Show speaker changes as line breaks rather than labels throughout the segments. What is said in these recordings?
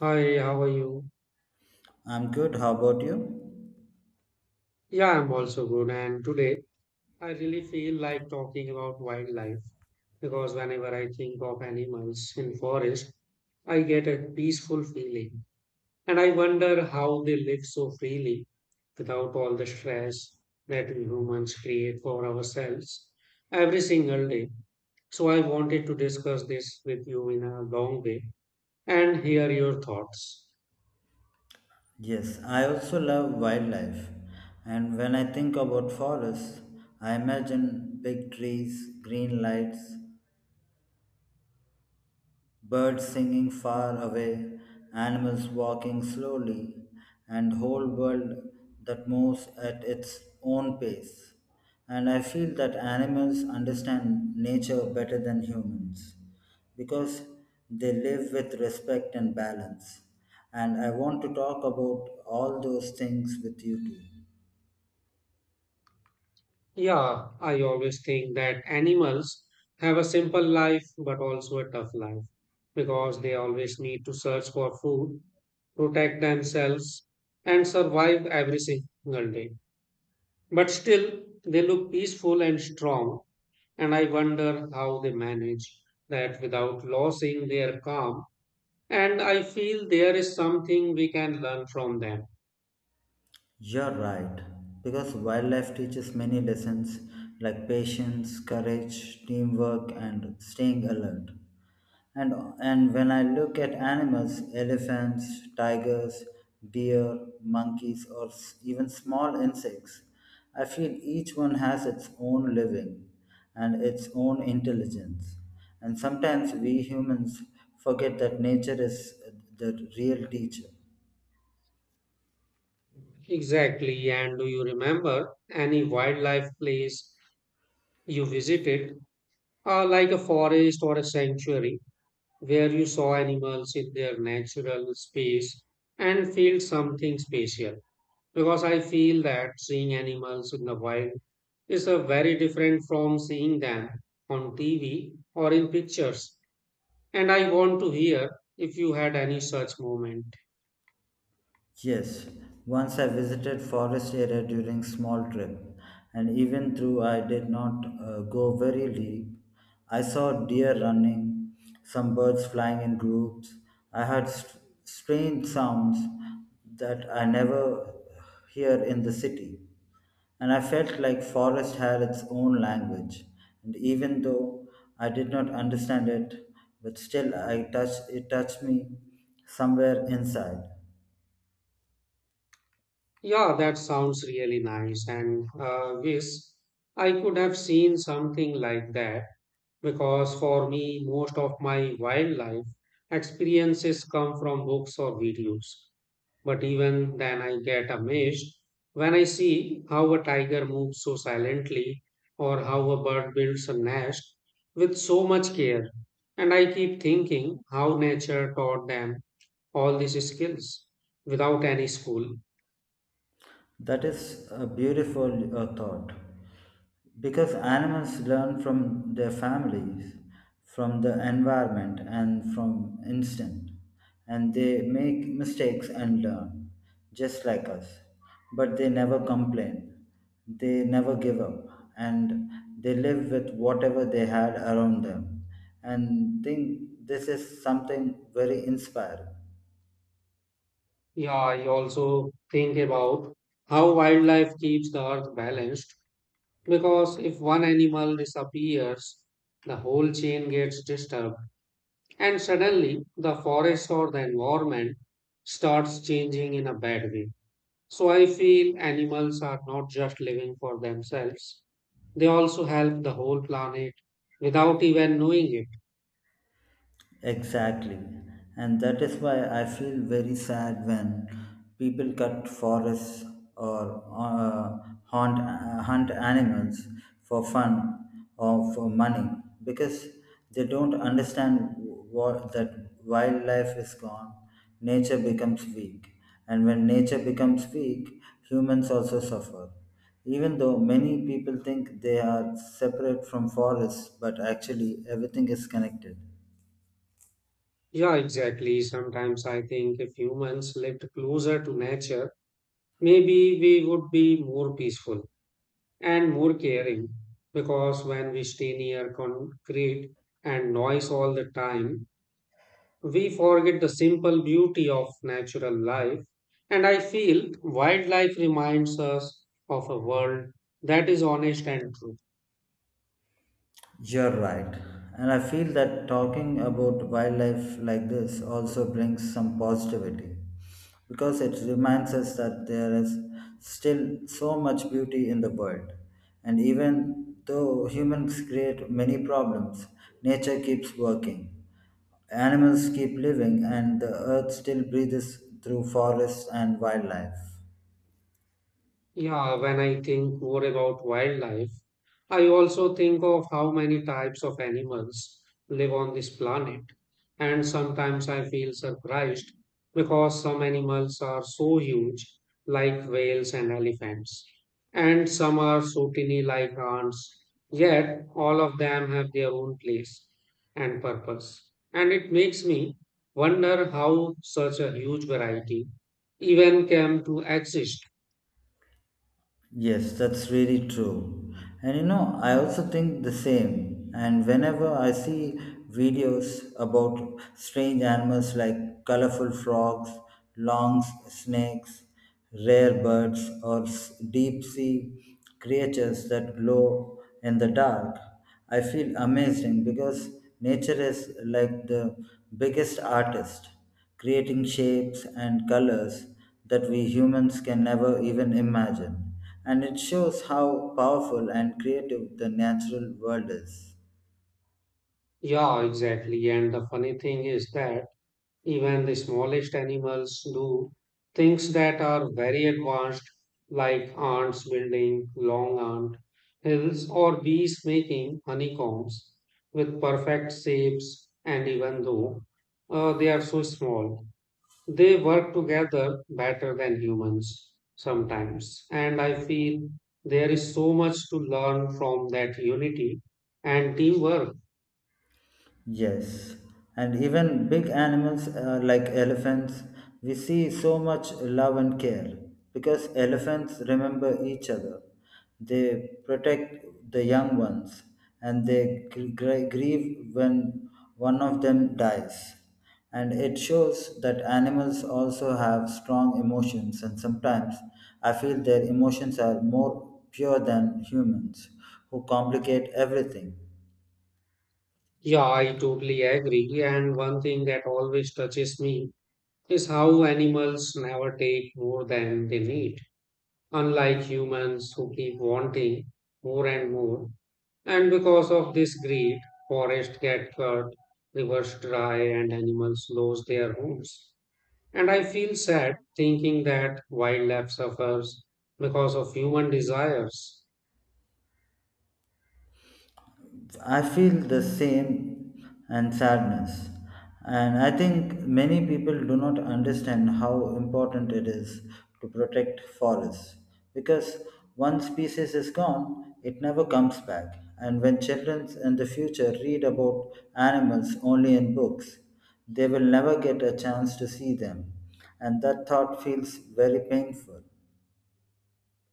Hi, how are you?
I'm good. How about you?
Yeah, I'm also good. And today I really feel like talking about wildlife because whenever I think of animals in forest, I get a peaceful feeling. And I wonder how they live so freely without all the stress that we humans create for ourselves every single day. So I wanted to discuss this with you in a long way and hear your thoughts.
Yes, I also love wildlife. And when I think about forests, I imagine big trees, green lights, birds singing far away, animals walking slowly, and whole world that moves at its own pace. And I feel that animals understand nature better than humans because they live with respect and balance. And I want to talk about all those things with you too.
Yeah, I always think that animals have a simple life but also a tough life because they always need to search for food, protect themselves, and survive every single day. But still, they look peaceful and strong, and I wonder how they manage that without losing their calm. And I feel there is something we can learn from them.
You're right, because wildlife teaches many lessons like patience, courage, teamwork, and staying alert. And, and when I look at animals, elephants, tigers, deer, monkeys, or even small insects, I feel each one has its own living and its own intelligence. And sometimes we humans forget that nature is the real teacher.
Exactly. And do you remember any wildlife place you visited, like a forest or a sanctuary where you saw animals in their natural space and feel something special? Because I feel that seeing animals in the wild is a very different from seeing them on TV or in pictures. And I want to hear if you had any such moment.
Yes, once I visited forest area during small trip, and even though I did not go very deep, I saw deer running, some birds flying in groups. I heard strange sounds that I never hear in the city, and I felt like forest had its own language. And even though I did not understand it, but still I touched me somewhere inside.
Yeah, that sounds really nice, and wish I could have seen something like that because for me, most of my wildlife experiences come from books or videos. But even then, I get amazed when I see how a tiger moves so silently or how a bird builds a nest with so much care. And I keep thinking how nature taught them all these skills without any school.
That is a beautiful thought because animals learn from their families, from the environment, and from instinct, and they make mistakes and learn just like us. But they never complain, they never give up, and they live with whatever they had around them. And think this is something very inspiring.
Yeah, I also think about how wildlife keeps the earth balanced. Because if one animal disappears, the whole chain gets disturbed, and suddenly the forest or the environment starts changing in a bad way. So I feel animals are not just living for themselves, they also help the whole planet without even knowing it.
Exactly. And that is why I feel very sad when people cut forests or hunt, hunt animals for fun or for money because they don't understand that wildlife is gone, nature becomes weak. And when nature becomes weak, humans also suffer. Even though many people think they are separate from forests, but actually everything is connected.
Yeah, exactly. Sometimes I think if humans lived closer to nature, maybe we would be more peaceful and more caring, because when we stay near concrete and noise all the time, we forget the simple beauty of natural life. And I feel wildlife reminds us of a world that is honest and true.
You're right. And I feel that talking about wildlife like this also brings some positivity because it reminds us that there is still so much beauty in the world. And even though humans create many problems, nature keeps working. Animals keep living, and the earth still breathes through forests and wildlife.
Yeah, when I think more about wildlife, I also think of how many types of animals live on this planet. And sometimes I feel surprised because some animals are so huge, like whales and elephants, and some are so tiny, like ants. Yet all of them have their own place and purpose. And it makes me wonder how such a huge variety even came to exist.
Yes, that's really true. And you know, I also think the same. And whenever I see videos about strange animals like colorful frogs, long snakes, rare birds, or deep sea creatures that glow in the dark, I feel amazing because nature is like the biggest artist, creating shapes and colors that we humans can never even imagine, and it shows how powerful and creative the natural world is.
Yeah, exactly. And the funny thing is that even the smallest animals do things that are very advanced, like ants building long ant hills or bees making honeycombs with perfect shapes. And even though they are so small, they work together better than humans sometimes. And I feel there is so much to learn from that unity and teamwork.
Yes, and even big animals like elephants, we see so much love and care because elephants remember each other. They protect the young ones and they grieve when one of them dies. And it shows that animals also have strong emotions, and sometimes I feel their emotions are more pure than humans who complicate everything.
Yeah, I totally agree. And one thing that always touches me is how animals never take more than they need, unlike humans who keep wanting more and more. And because of this greed, forests get cut, rivers dry, and animals lose their homes. And I feel sad thinking that wildlife suffers because of human desires.
I feel the same and sadness. And I think many people do not understand how important it is to protect forests because one species is gone, it never comes back. And when children in the future read about animals only in books, they will never get a chance to see them. And that thought feels very painful.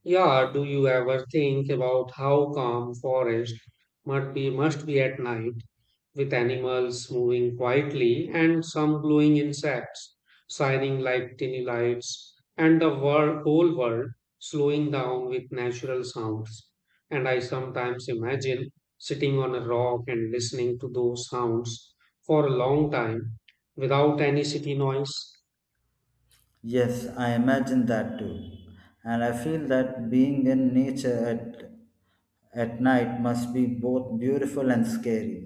Yeah, do you ever think about how calm forest must be at night, with animals moving quietly and some glowing insects shining like tiny lights and the whole world slowing down with natural sounds? And I sometimes imagine sitting on a rock and listening to those sounds for a long time without any city noise.
Yes, I imagine that too. And I feel that being in nature at night must be both beautiful and scary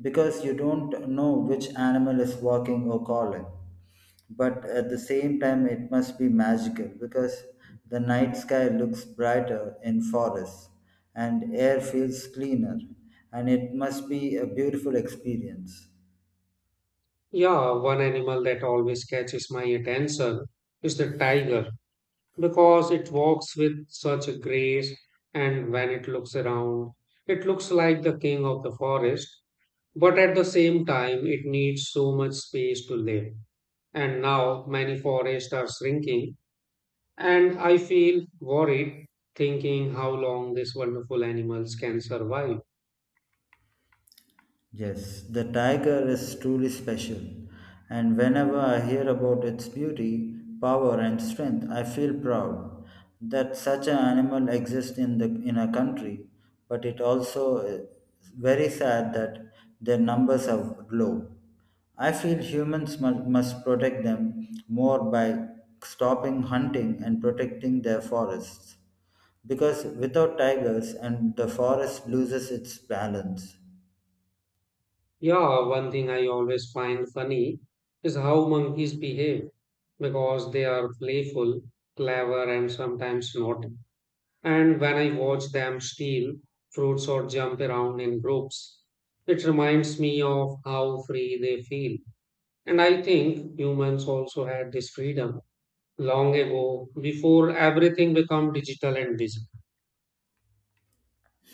because you don't know which animal is walking or calling. But at the same time, it must be magical because the night sky looks brighter in forests and air feels cleaner, and it must be a beautiful experience.
Yeah, one animal that always catches my attention is the tiger because it walks with such a grace, and when it looks around, it looks like the king of the forest. But at the same time, it needs so much space to live. And now many forests are shrinking, and I feel worried thinking how long these wonderful animals can survive.
Yes, the tiger is truly special, and whenever I hear about its beauty, power, and strength, I feel proud that such an animal exists in a country, but it also is very sad that their numbers are low. I feel humans must protect them more by stopping hunting and protecting their forests, because without tigers and the forest loses its balance.
Yeah, one thing I always find funny is how monkeys behave because they are playful, clever, and sometimes not. And when I watch them steal fruits or jump around in groups, it reminds me of how free they feel. And I think humans also had this freedom long ago before everything became digital and busy.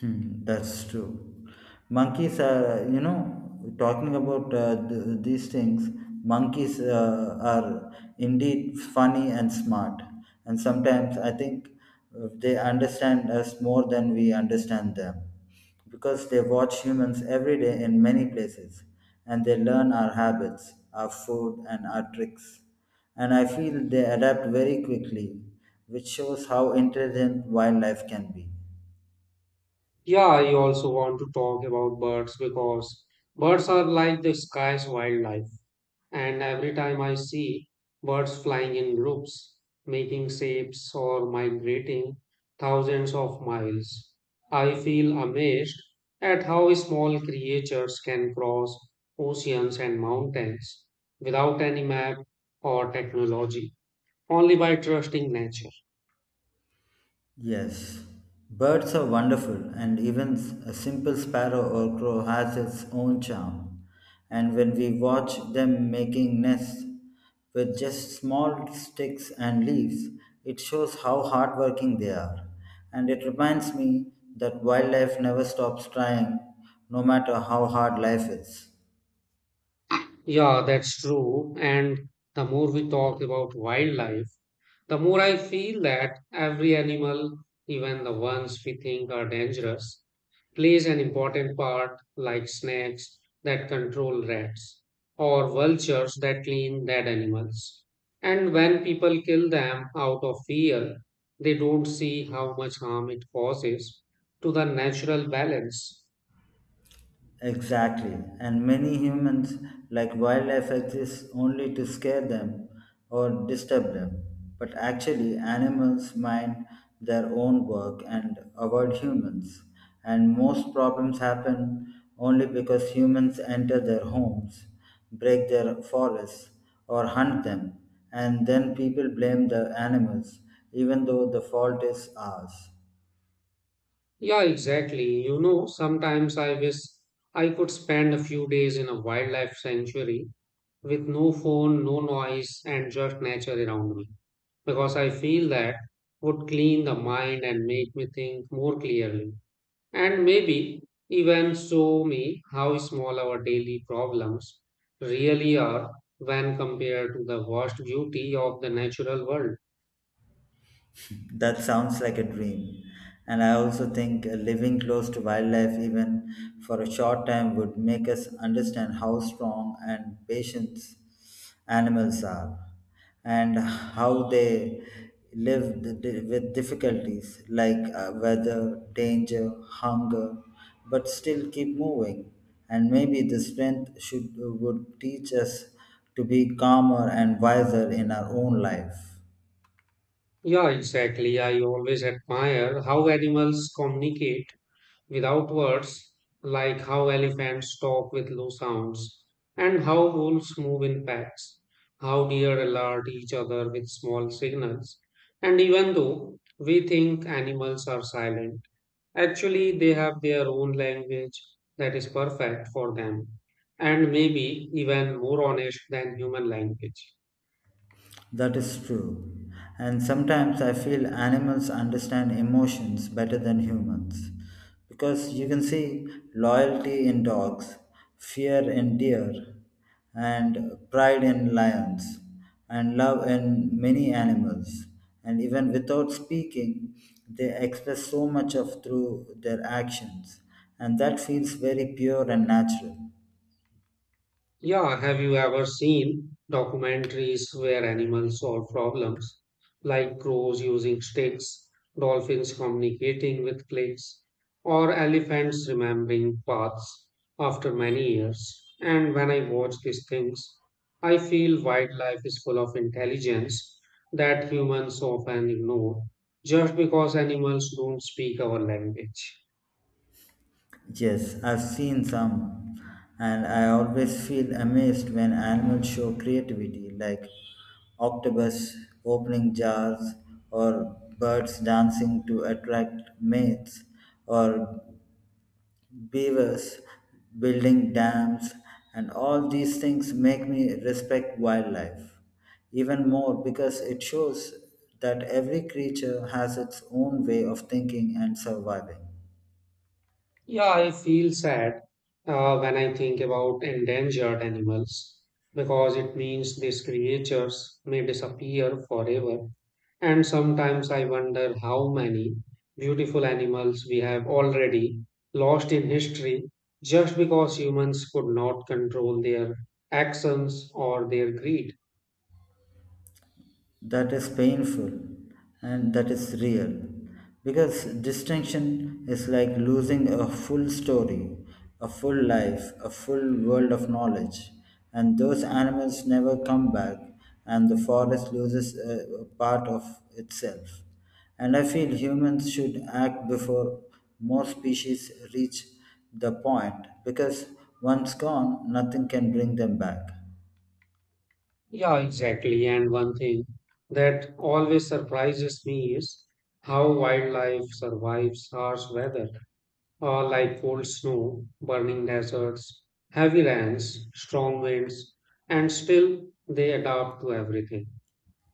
Hmm, that's true. Monkeys are, you know, talking about these things, monkeys are indeed funny and smart. And sometimes I think they understand us more than we understand them because they watch humans every day in many places and they learn our habits, our food, and our tricks. And I feel they adapt very quickly, which shows how intelligent wildlife can be.
Yeah, I also want to talk about birds because birds are like the sky's wildlife. And every time I see birds flying in groups, making shapes or migrating thousands of miles, I feel amazed at how small creatures can cross oceans and mountains without any map or technology, only by trusting nature.
Yes, birds are wonderful, and even a simple sparrow or crow has its own charm. And when we watch them making nests with just small sticks and leaves, it shows how hardworking they are. And it reminds me that wildlife never stops trying, no matter how hard life is.
Yeah, that's true. And the more we talk about wildlife, the more I feel that every animal, even the ones we think are dangerous, plays an important part, like snakes that control rats or vultures that clean dead animals. And when people kill them out of fear, they don't see how much harm it causes to the natural balance.
Exactly. And many humans, like wildlife, exists only to scare them or disturb them. But actually, animals mind their own work and avoid humans. And most problems happen only because humans enter their homes, break their forests, or hunt them. And then people blame the animals, even though the fault is ours.
Yeah, exactly. You know, sometimes I wish I could spend a few days in a wildlife sanctuary with no phone, no noise, and just nature around me, because I feel that would clean the mind and make me think more clearly, and maybe even show me how small our daily problems really are when compared to the vast beauty of the natural world.
That sounds like a dream. And I also think living close to wildlife, even for a short time, would make us understand how strong and patient animals are and how they live with difficulties like weather, danger, hunger, but still keep moving. And maybe the strength should would teach us to be calmer and wiser in our own life.
Yeah, exactly. I always admire how animals communicate without words, like how elephants talk with low sounds, and how wolves move in packs, how deer alert each other with small signals. And even though we think animals are silent, actually they have their own language that is perfect for them, and maybe even more honest than human language.
That is true. And sometimes I feel animals understand emotions better than humans. Because you can see loyalty in dogs, fear in deer, and pride in lions, and love in many animals. And even without speaking, they express so much of through their actions. And that feels very pure and natural.
Yeah, have you ever seen documentaries where animals solve problems, like crows using sticks, dolphins communicating with clicks, or elephants remembering paths after many years? And when I watch these things, I feel wildlife is full of intelligence that humans often ignore just because animals don't speak our language.
Yes, I've seen some, and I always feel amazed when animals show creativity, like octopus opening jars, or birds dancing to attract mates, or beavers building dams, and all these things make me respect wildlife even more because it shows that every creature has its own way of thinking and surviving.
Yeah, I feel sad when I think about endangered animals because it means these creatures may disappear forever. And sometimes I wonder how many beautiful animals we have already lost in history just because humans could not control their actions or their greed.
That is painful and that is real because distinction is like losing a full story, a full life, a full world of knowledge, and those animals never come back, and the forest loses a part of itself, and I feel humans should act before more species reach the point because once gone nothing can bring them back.
Yeah, exactly. And one thing that always surprises me is how wildlife survives harsh weather, like cold snow, burning deserts, heavy rains, strong winds, and still they adapt to everything.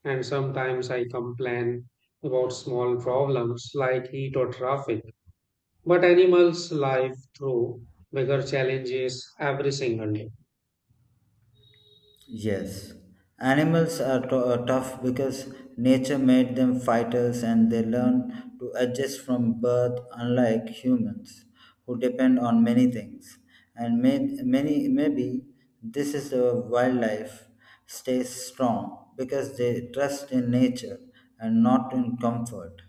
And sometimes I complain about small problems like heat or traffic, but animals live through bigger challenges every single day.
Yes, animals are tough because nature made them fighters and they learn to adjust from birth, unlike humans who depend on many things. And maybe this is the wildlife stays strong because they trust in nature and not in comfort.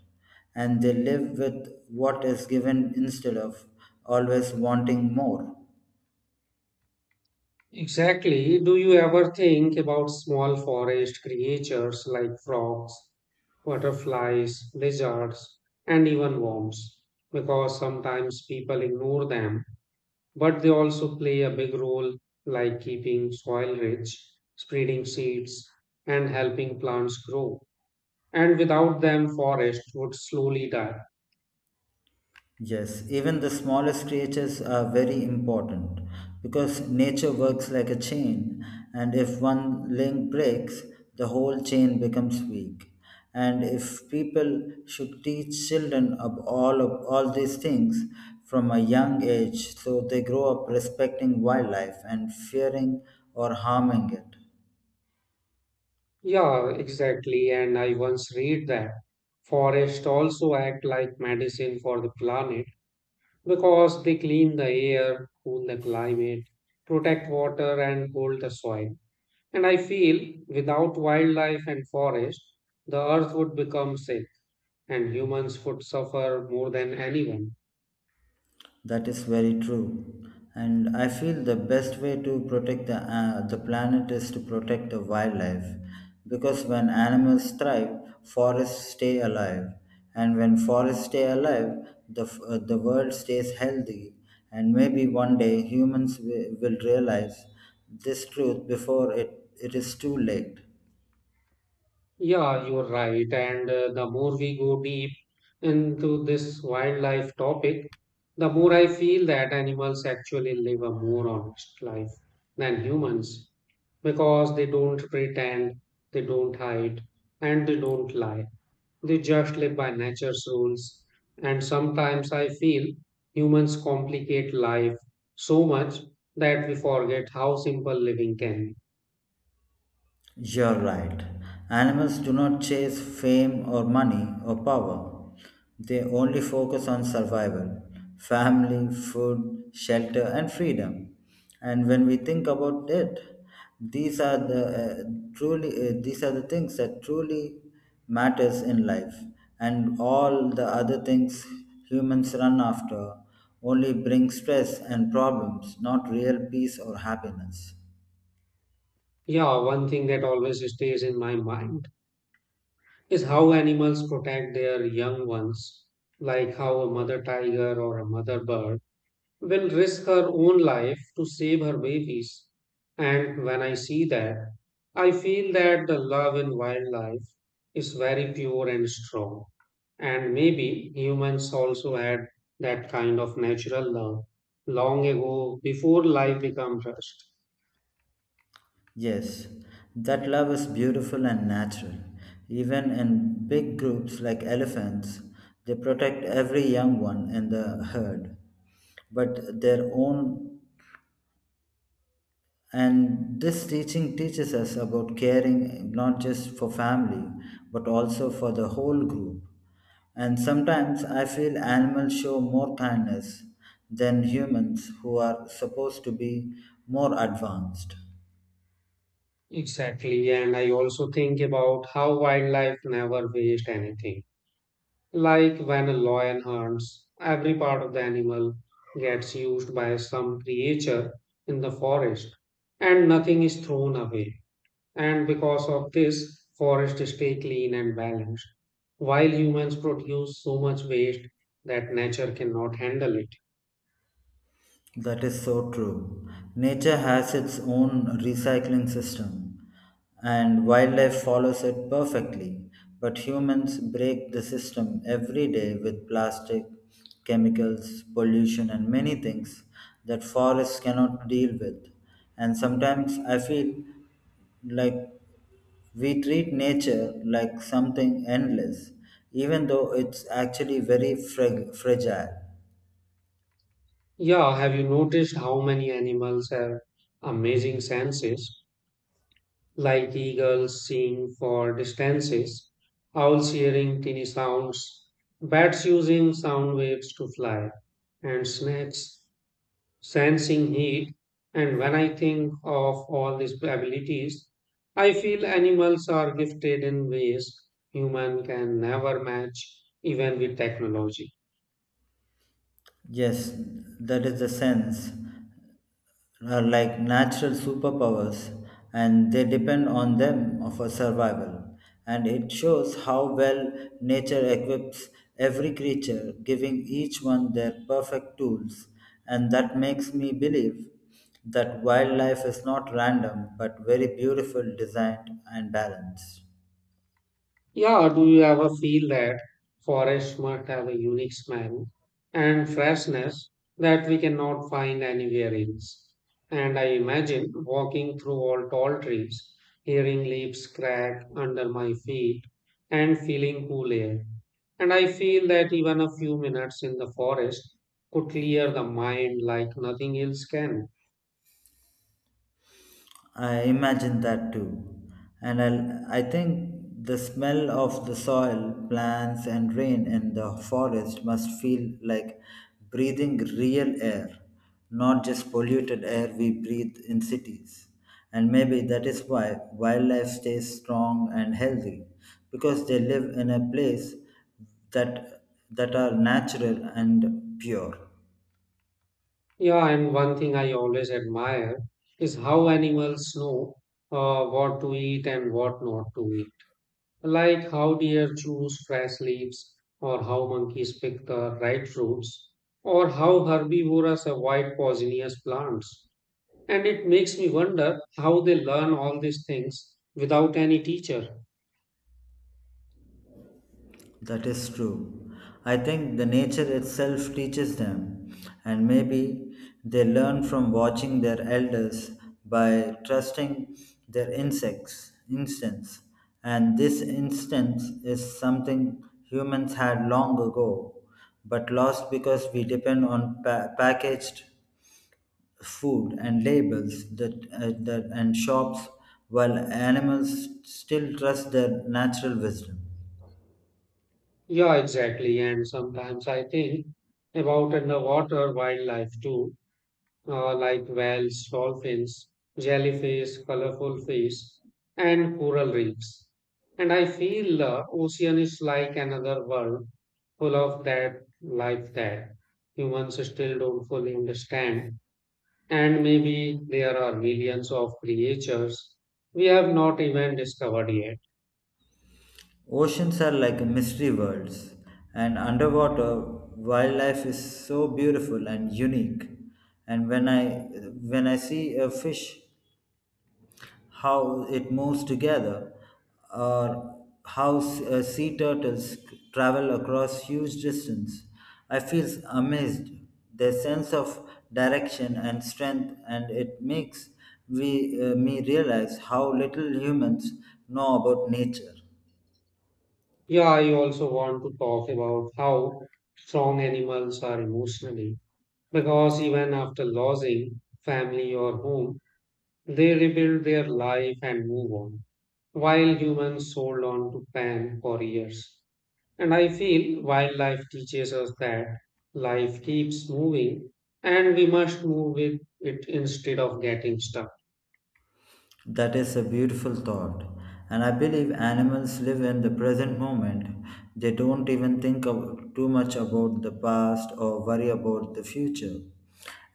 And they live with what is given instead of always wanting more.
Exactly. Do you ever think about small forest creatures like frogs, butterflies, lizards, and even worms? Because sometimes people ignore them, but they also play a big role, like keeping soil rich, spreading seeds, and helping plants grow. And without them, forest would slowly die.
Yes, even the smallest creatures are very important because nature works like a chain, and if one link breaks, the whole chain becomes weak. And if people should teach children of all these things from a young age, so they grow up respecting wildlife and fearing or harming it.
Yeah, exactly. And I once read that forests also act like medicine for the planet because they clean the air, cool the climate, protect water, and hold the soil. And I feel without wildlife and forest, the earth would become sick and humans would suffer more than anyone.
That is very true. And I feel the best way to protect the planet is to protect the wildlife. Because when animals thrive, forests stay alive. And when forests stay alive, the world stays healthy. And maybe one day humans will realize this truth before it is too late.
Yeah, you're right. And the more we go deep into this wildlife topic, the more I feel that animals actually live a more honest life than humans because they don't pretend, they don't hide, and they don't lie. They just live by nature's rules. And sometimes I feel humans complicate life so much that we forget how simple living can be.
You're right. Animals do not chase fame or money or power. They only focus on survival, family, food, shelter, and freedom. And when we think about it, these are these are the things that truly matters in life. And all the other things humans run after only bring stress and problems, not real peace or happiness.
Yeah, one thing that always stays in my mind is how animals protect their young ones, like how a mother tiger or a mother bird will risk her own life to save her babies. And when I see that, I feel that the love in wildlife is very pure and strong. And maybe humans also had that kind of natural love long ago before life became rushed.
Yes, that love is beautiful and natural. Even in big groups like elephants, they protect every young one in the herd, but their own. And this teaching teaches us about caring not just for family, but also for the whole group. And sometimes I feel animals show more kindness than humans who are supposed to be more advanced.
Exactly. And I also think about how wildlife never waste anything. Like when a lion hunts, every part of the animal gets used by some creature in the forest and nothing is thrown away. And because of this, forests stay clean and balanced, while humans produce so much waste that nature cannot handle it.
That is so true. Nature has its own recycling system, and wildlife follows it perfectly. But humans break the system every day with plastic, chemicals, pollution, and many things that forests cannot deal with. And sometimes I feel like we treat nature like something endless, even though it's actually very fragile.
Yeah, have you noticed how many animals have amazing senses, like eagles seeing for distances, owls hearing tiny sounds, bats using sound waves to fly, and snakes sensing heat? And when I think of all these abilities, I feel animals are gifted in ways human can never match, even with technology.
Yes, that is the sense. Are like natural superpowers, and they depend on them for survival. And it shows how well nature equips every creature, giving each one their perfect tools. And that makes me believe that wildlife is not random, but very beautiful, designed, and balanced.
Yeah, do you ever feel that forests must have a unique smell and freshness that we cannot find anywhere else? And I imagine walking through all tall trees, hearing leaves crack under my feet, and feeling cool air. And I feel that even a few minutes in the forest could clear the mind like nothing else can.
I imagine that too. I think the smell of the soil, plants, and rain in the forest must feel like breathing real air, not just polluted air we breathe in cities. And maybe that is why wildlife stays strong and healthy, because they live in a place that, that are natural and pure.
Yeah, and one thing I always admire is how animals know what to eat and what not to eat. Like how deer choose fresh leaves, or how monkeys pick the right fruits, or how herbivorous avoid poisonous plants. And it makes me wonder how they learn all these things without any teacher.
That is true. I think the nature itself teaches them, and maybe they learn from watching their elders by trusting their insects instincts. And this instinct is something humans had long ago, but lost because we depend on packaged food and labels that, that and shops, while animals still trust their natural wisdom.
Yeah, exactly. And sometimes I think about underwater wildlife too, like whales, dolphins, jellyfish, colorful fish, and coral reefs. And I feel the ocean is like another world full of that life that humans still don't fully understand. And maybe there are millions of creatures we have not even discovered yet.
Oceans are like mystery worlds, and underwater wildlife is so beautiful and unique. And when I see a fish, how it moves together, or how sea turtles travel across huge distance, I feel amazed. Their sense of direction and strength, and it makes we me realize how little humans know about nature.
Yeah, I also want to talk about how strong animals are emotionally because even after losing family or home, they rebuild their life and move on, while humans hold on to plan for years. And I feel wildlife teaches us that life keeps moving and we must move with it instead of getting stuck.
That is a beautiful thought. And I believe animals live in the present moment. They don't even too much about the past or worry about the future.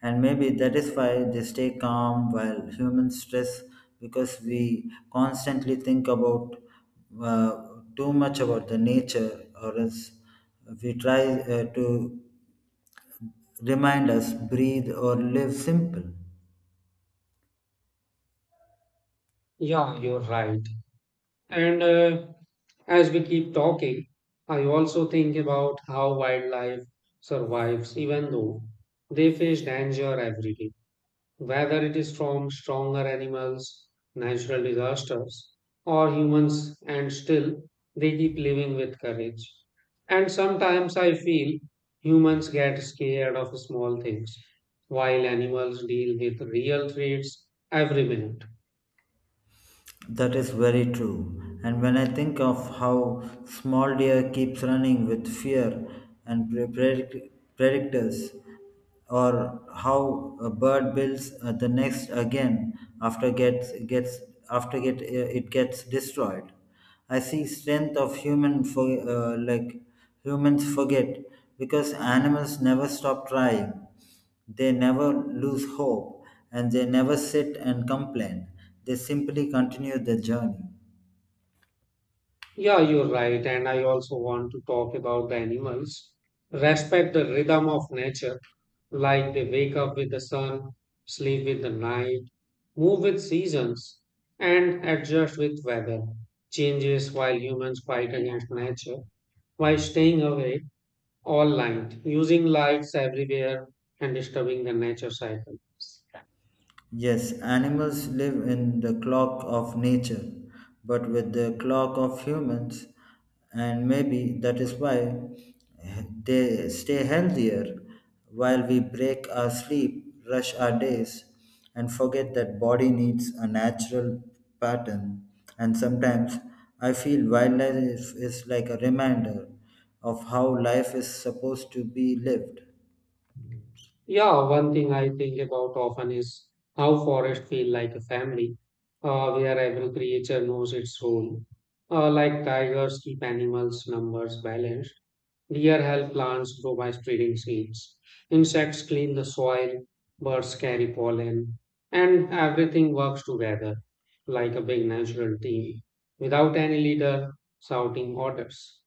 And maybe that is why they stay calm while humans stress because we constantly think about uh, too much about the nature or else we try to remind us breathe or live simple.
Yeah, you're right. And as we keep talking, I also think about how wildlife survives even though they face danger every day, whether it is from stronger animals, natural disasters, or humans, and still they keep living with courage. And sometimes I feel humans get scared of small things, while animals deal with real threats every minute.
That is very true. And when I think of how small deer keeps running with fear and predictors, or how a bird builds the nest again after gets gets after get it gets destroyed, I see strength of human for like humans forget because animals never stop trying, they never lose hope, and they never sit and complain. They simply continue the journey.
Yeah, you're right. And I also want to talk about the animals. Respect the rhythm of nature, like they wake up with the sun, sleep with the night, move with seasons, and adjust with weather changes, while humans fight against nature by staying away all night, using lights everywhere, and disturbing the nature cycle.
Yes, animals live in the clock of nature, but with the clock of humans, and maybe that is why they stay healthier while we break our sleep, rush our days, and forget that body needs a natural pattern. And sometimes I feel wildlife is like a reminder of how life is supposed to be lived.
Yeah, one thing I think about often is how forests feel like a family, where every creature knows its role. Like tigers keep animals' numbers balanced, deer help plants grow by spreading seeds, insects clean the soil, birds carry pollen, and everything works together like a big natural team without any leader shouting orders.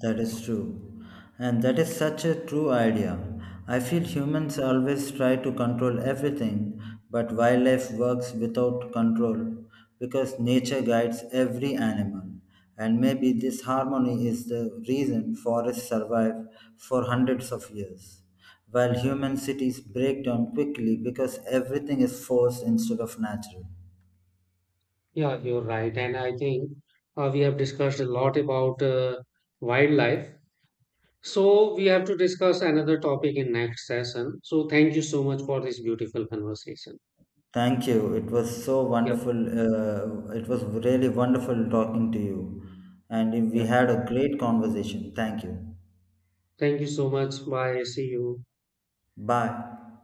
That is true. And that is such a true idea. I feel humans always try to control everything, but wildlife works without control because nature guides every animal. And maybe this harmony is the reason forests survive for hundreds of years, while human cities break down quickly because everything is forced instead of natural.
Yeah, you're right. And I think we have discussed a lot about wildlife. So we have to discuss another topic in next session. So thank you so much for this beautiful conversation.
Thank you. It was so
Yeah,
wonderful. It was really wonderful talking to you. And
yeah.
we had a great conversation. Thank you.
Thank you so much. Bye. See you.
Bye.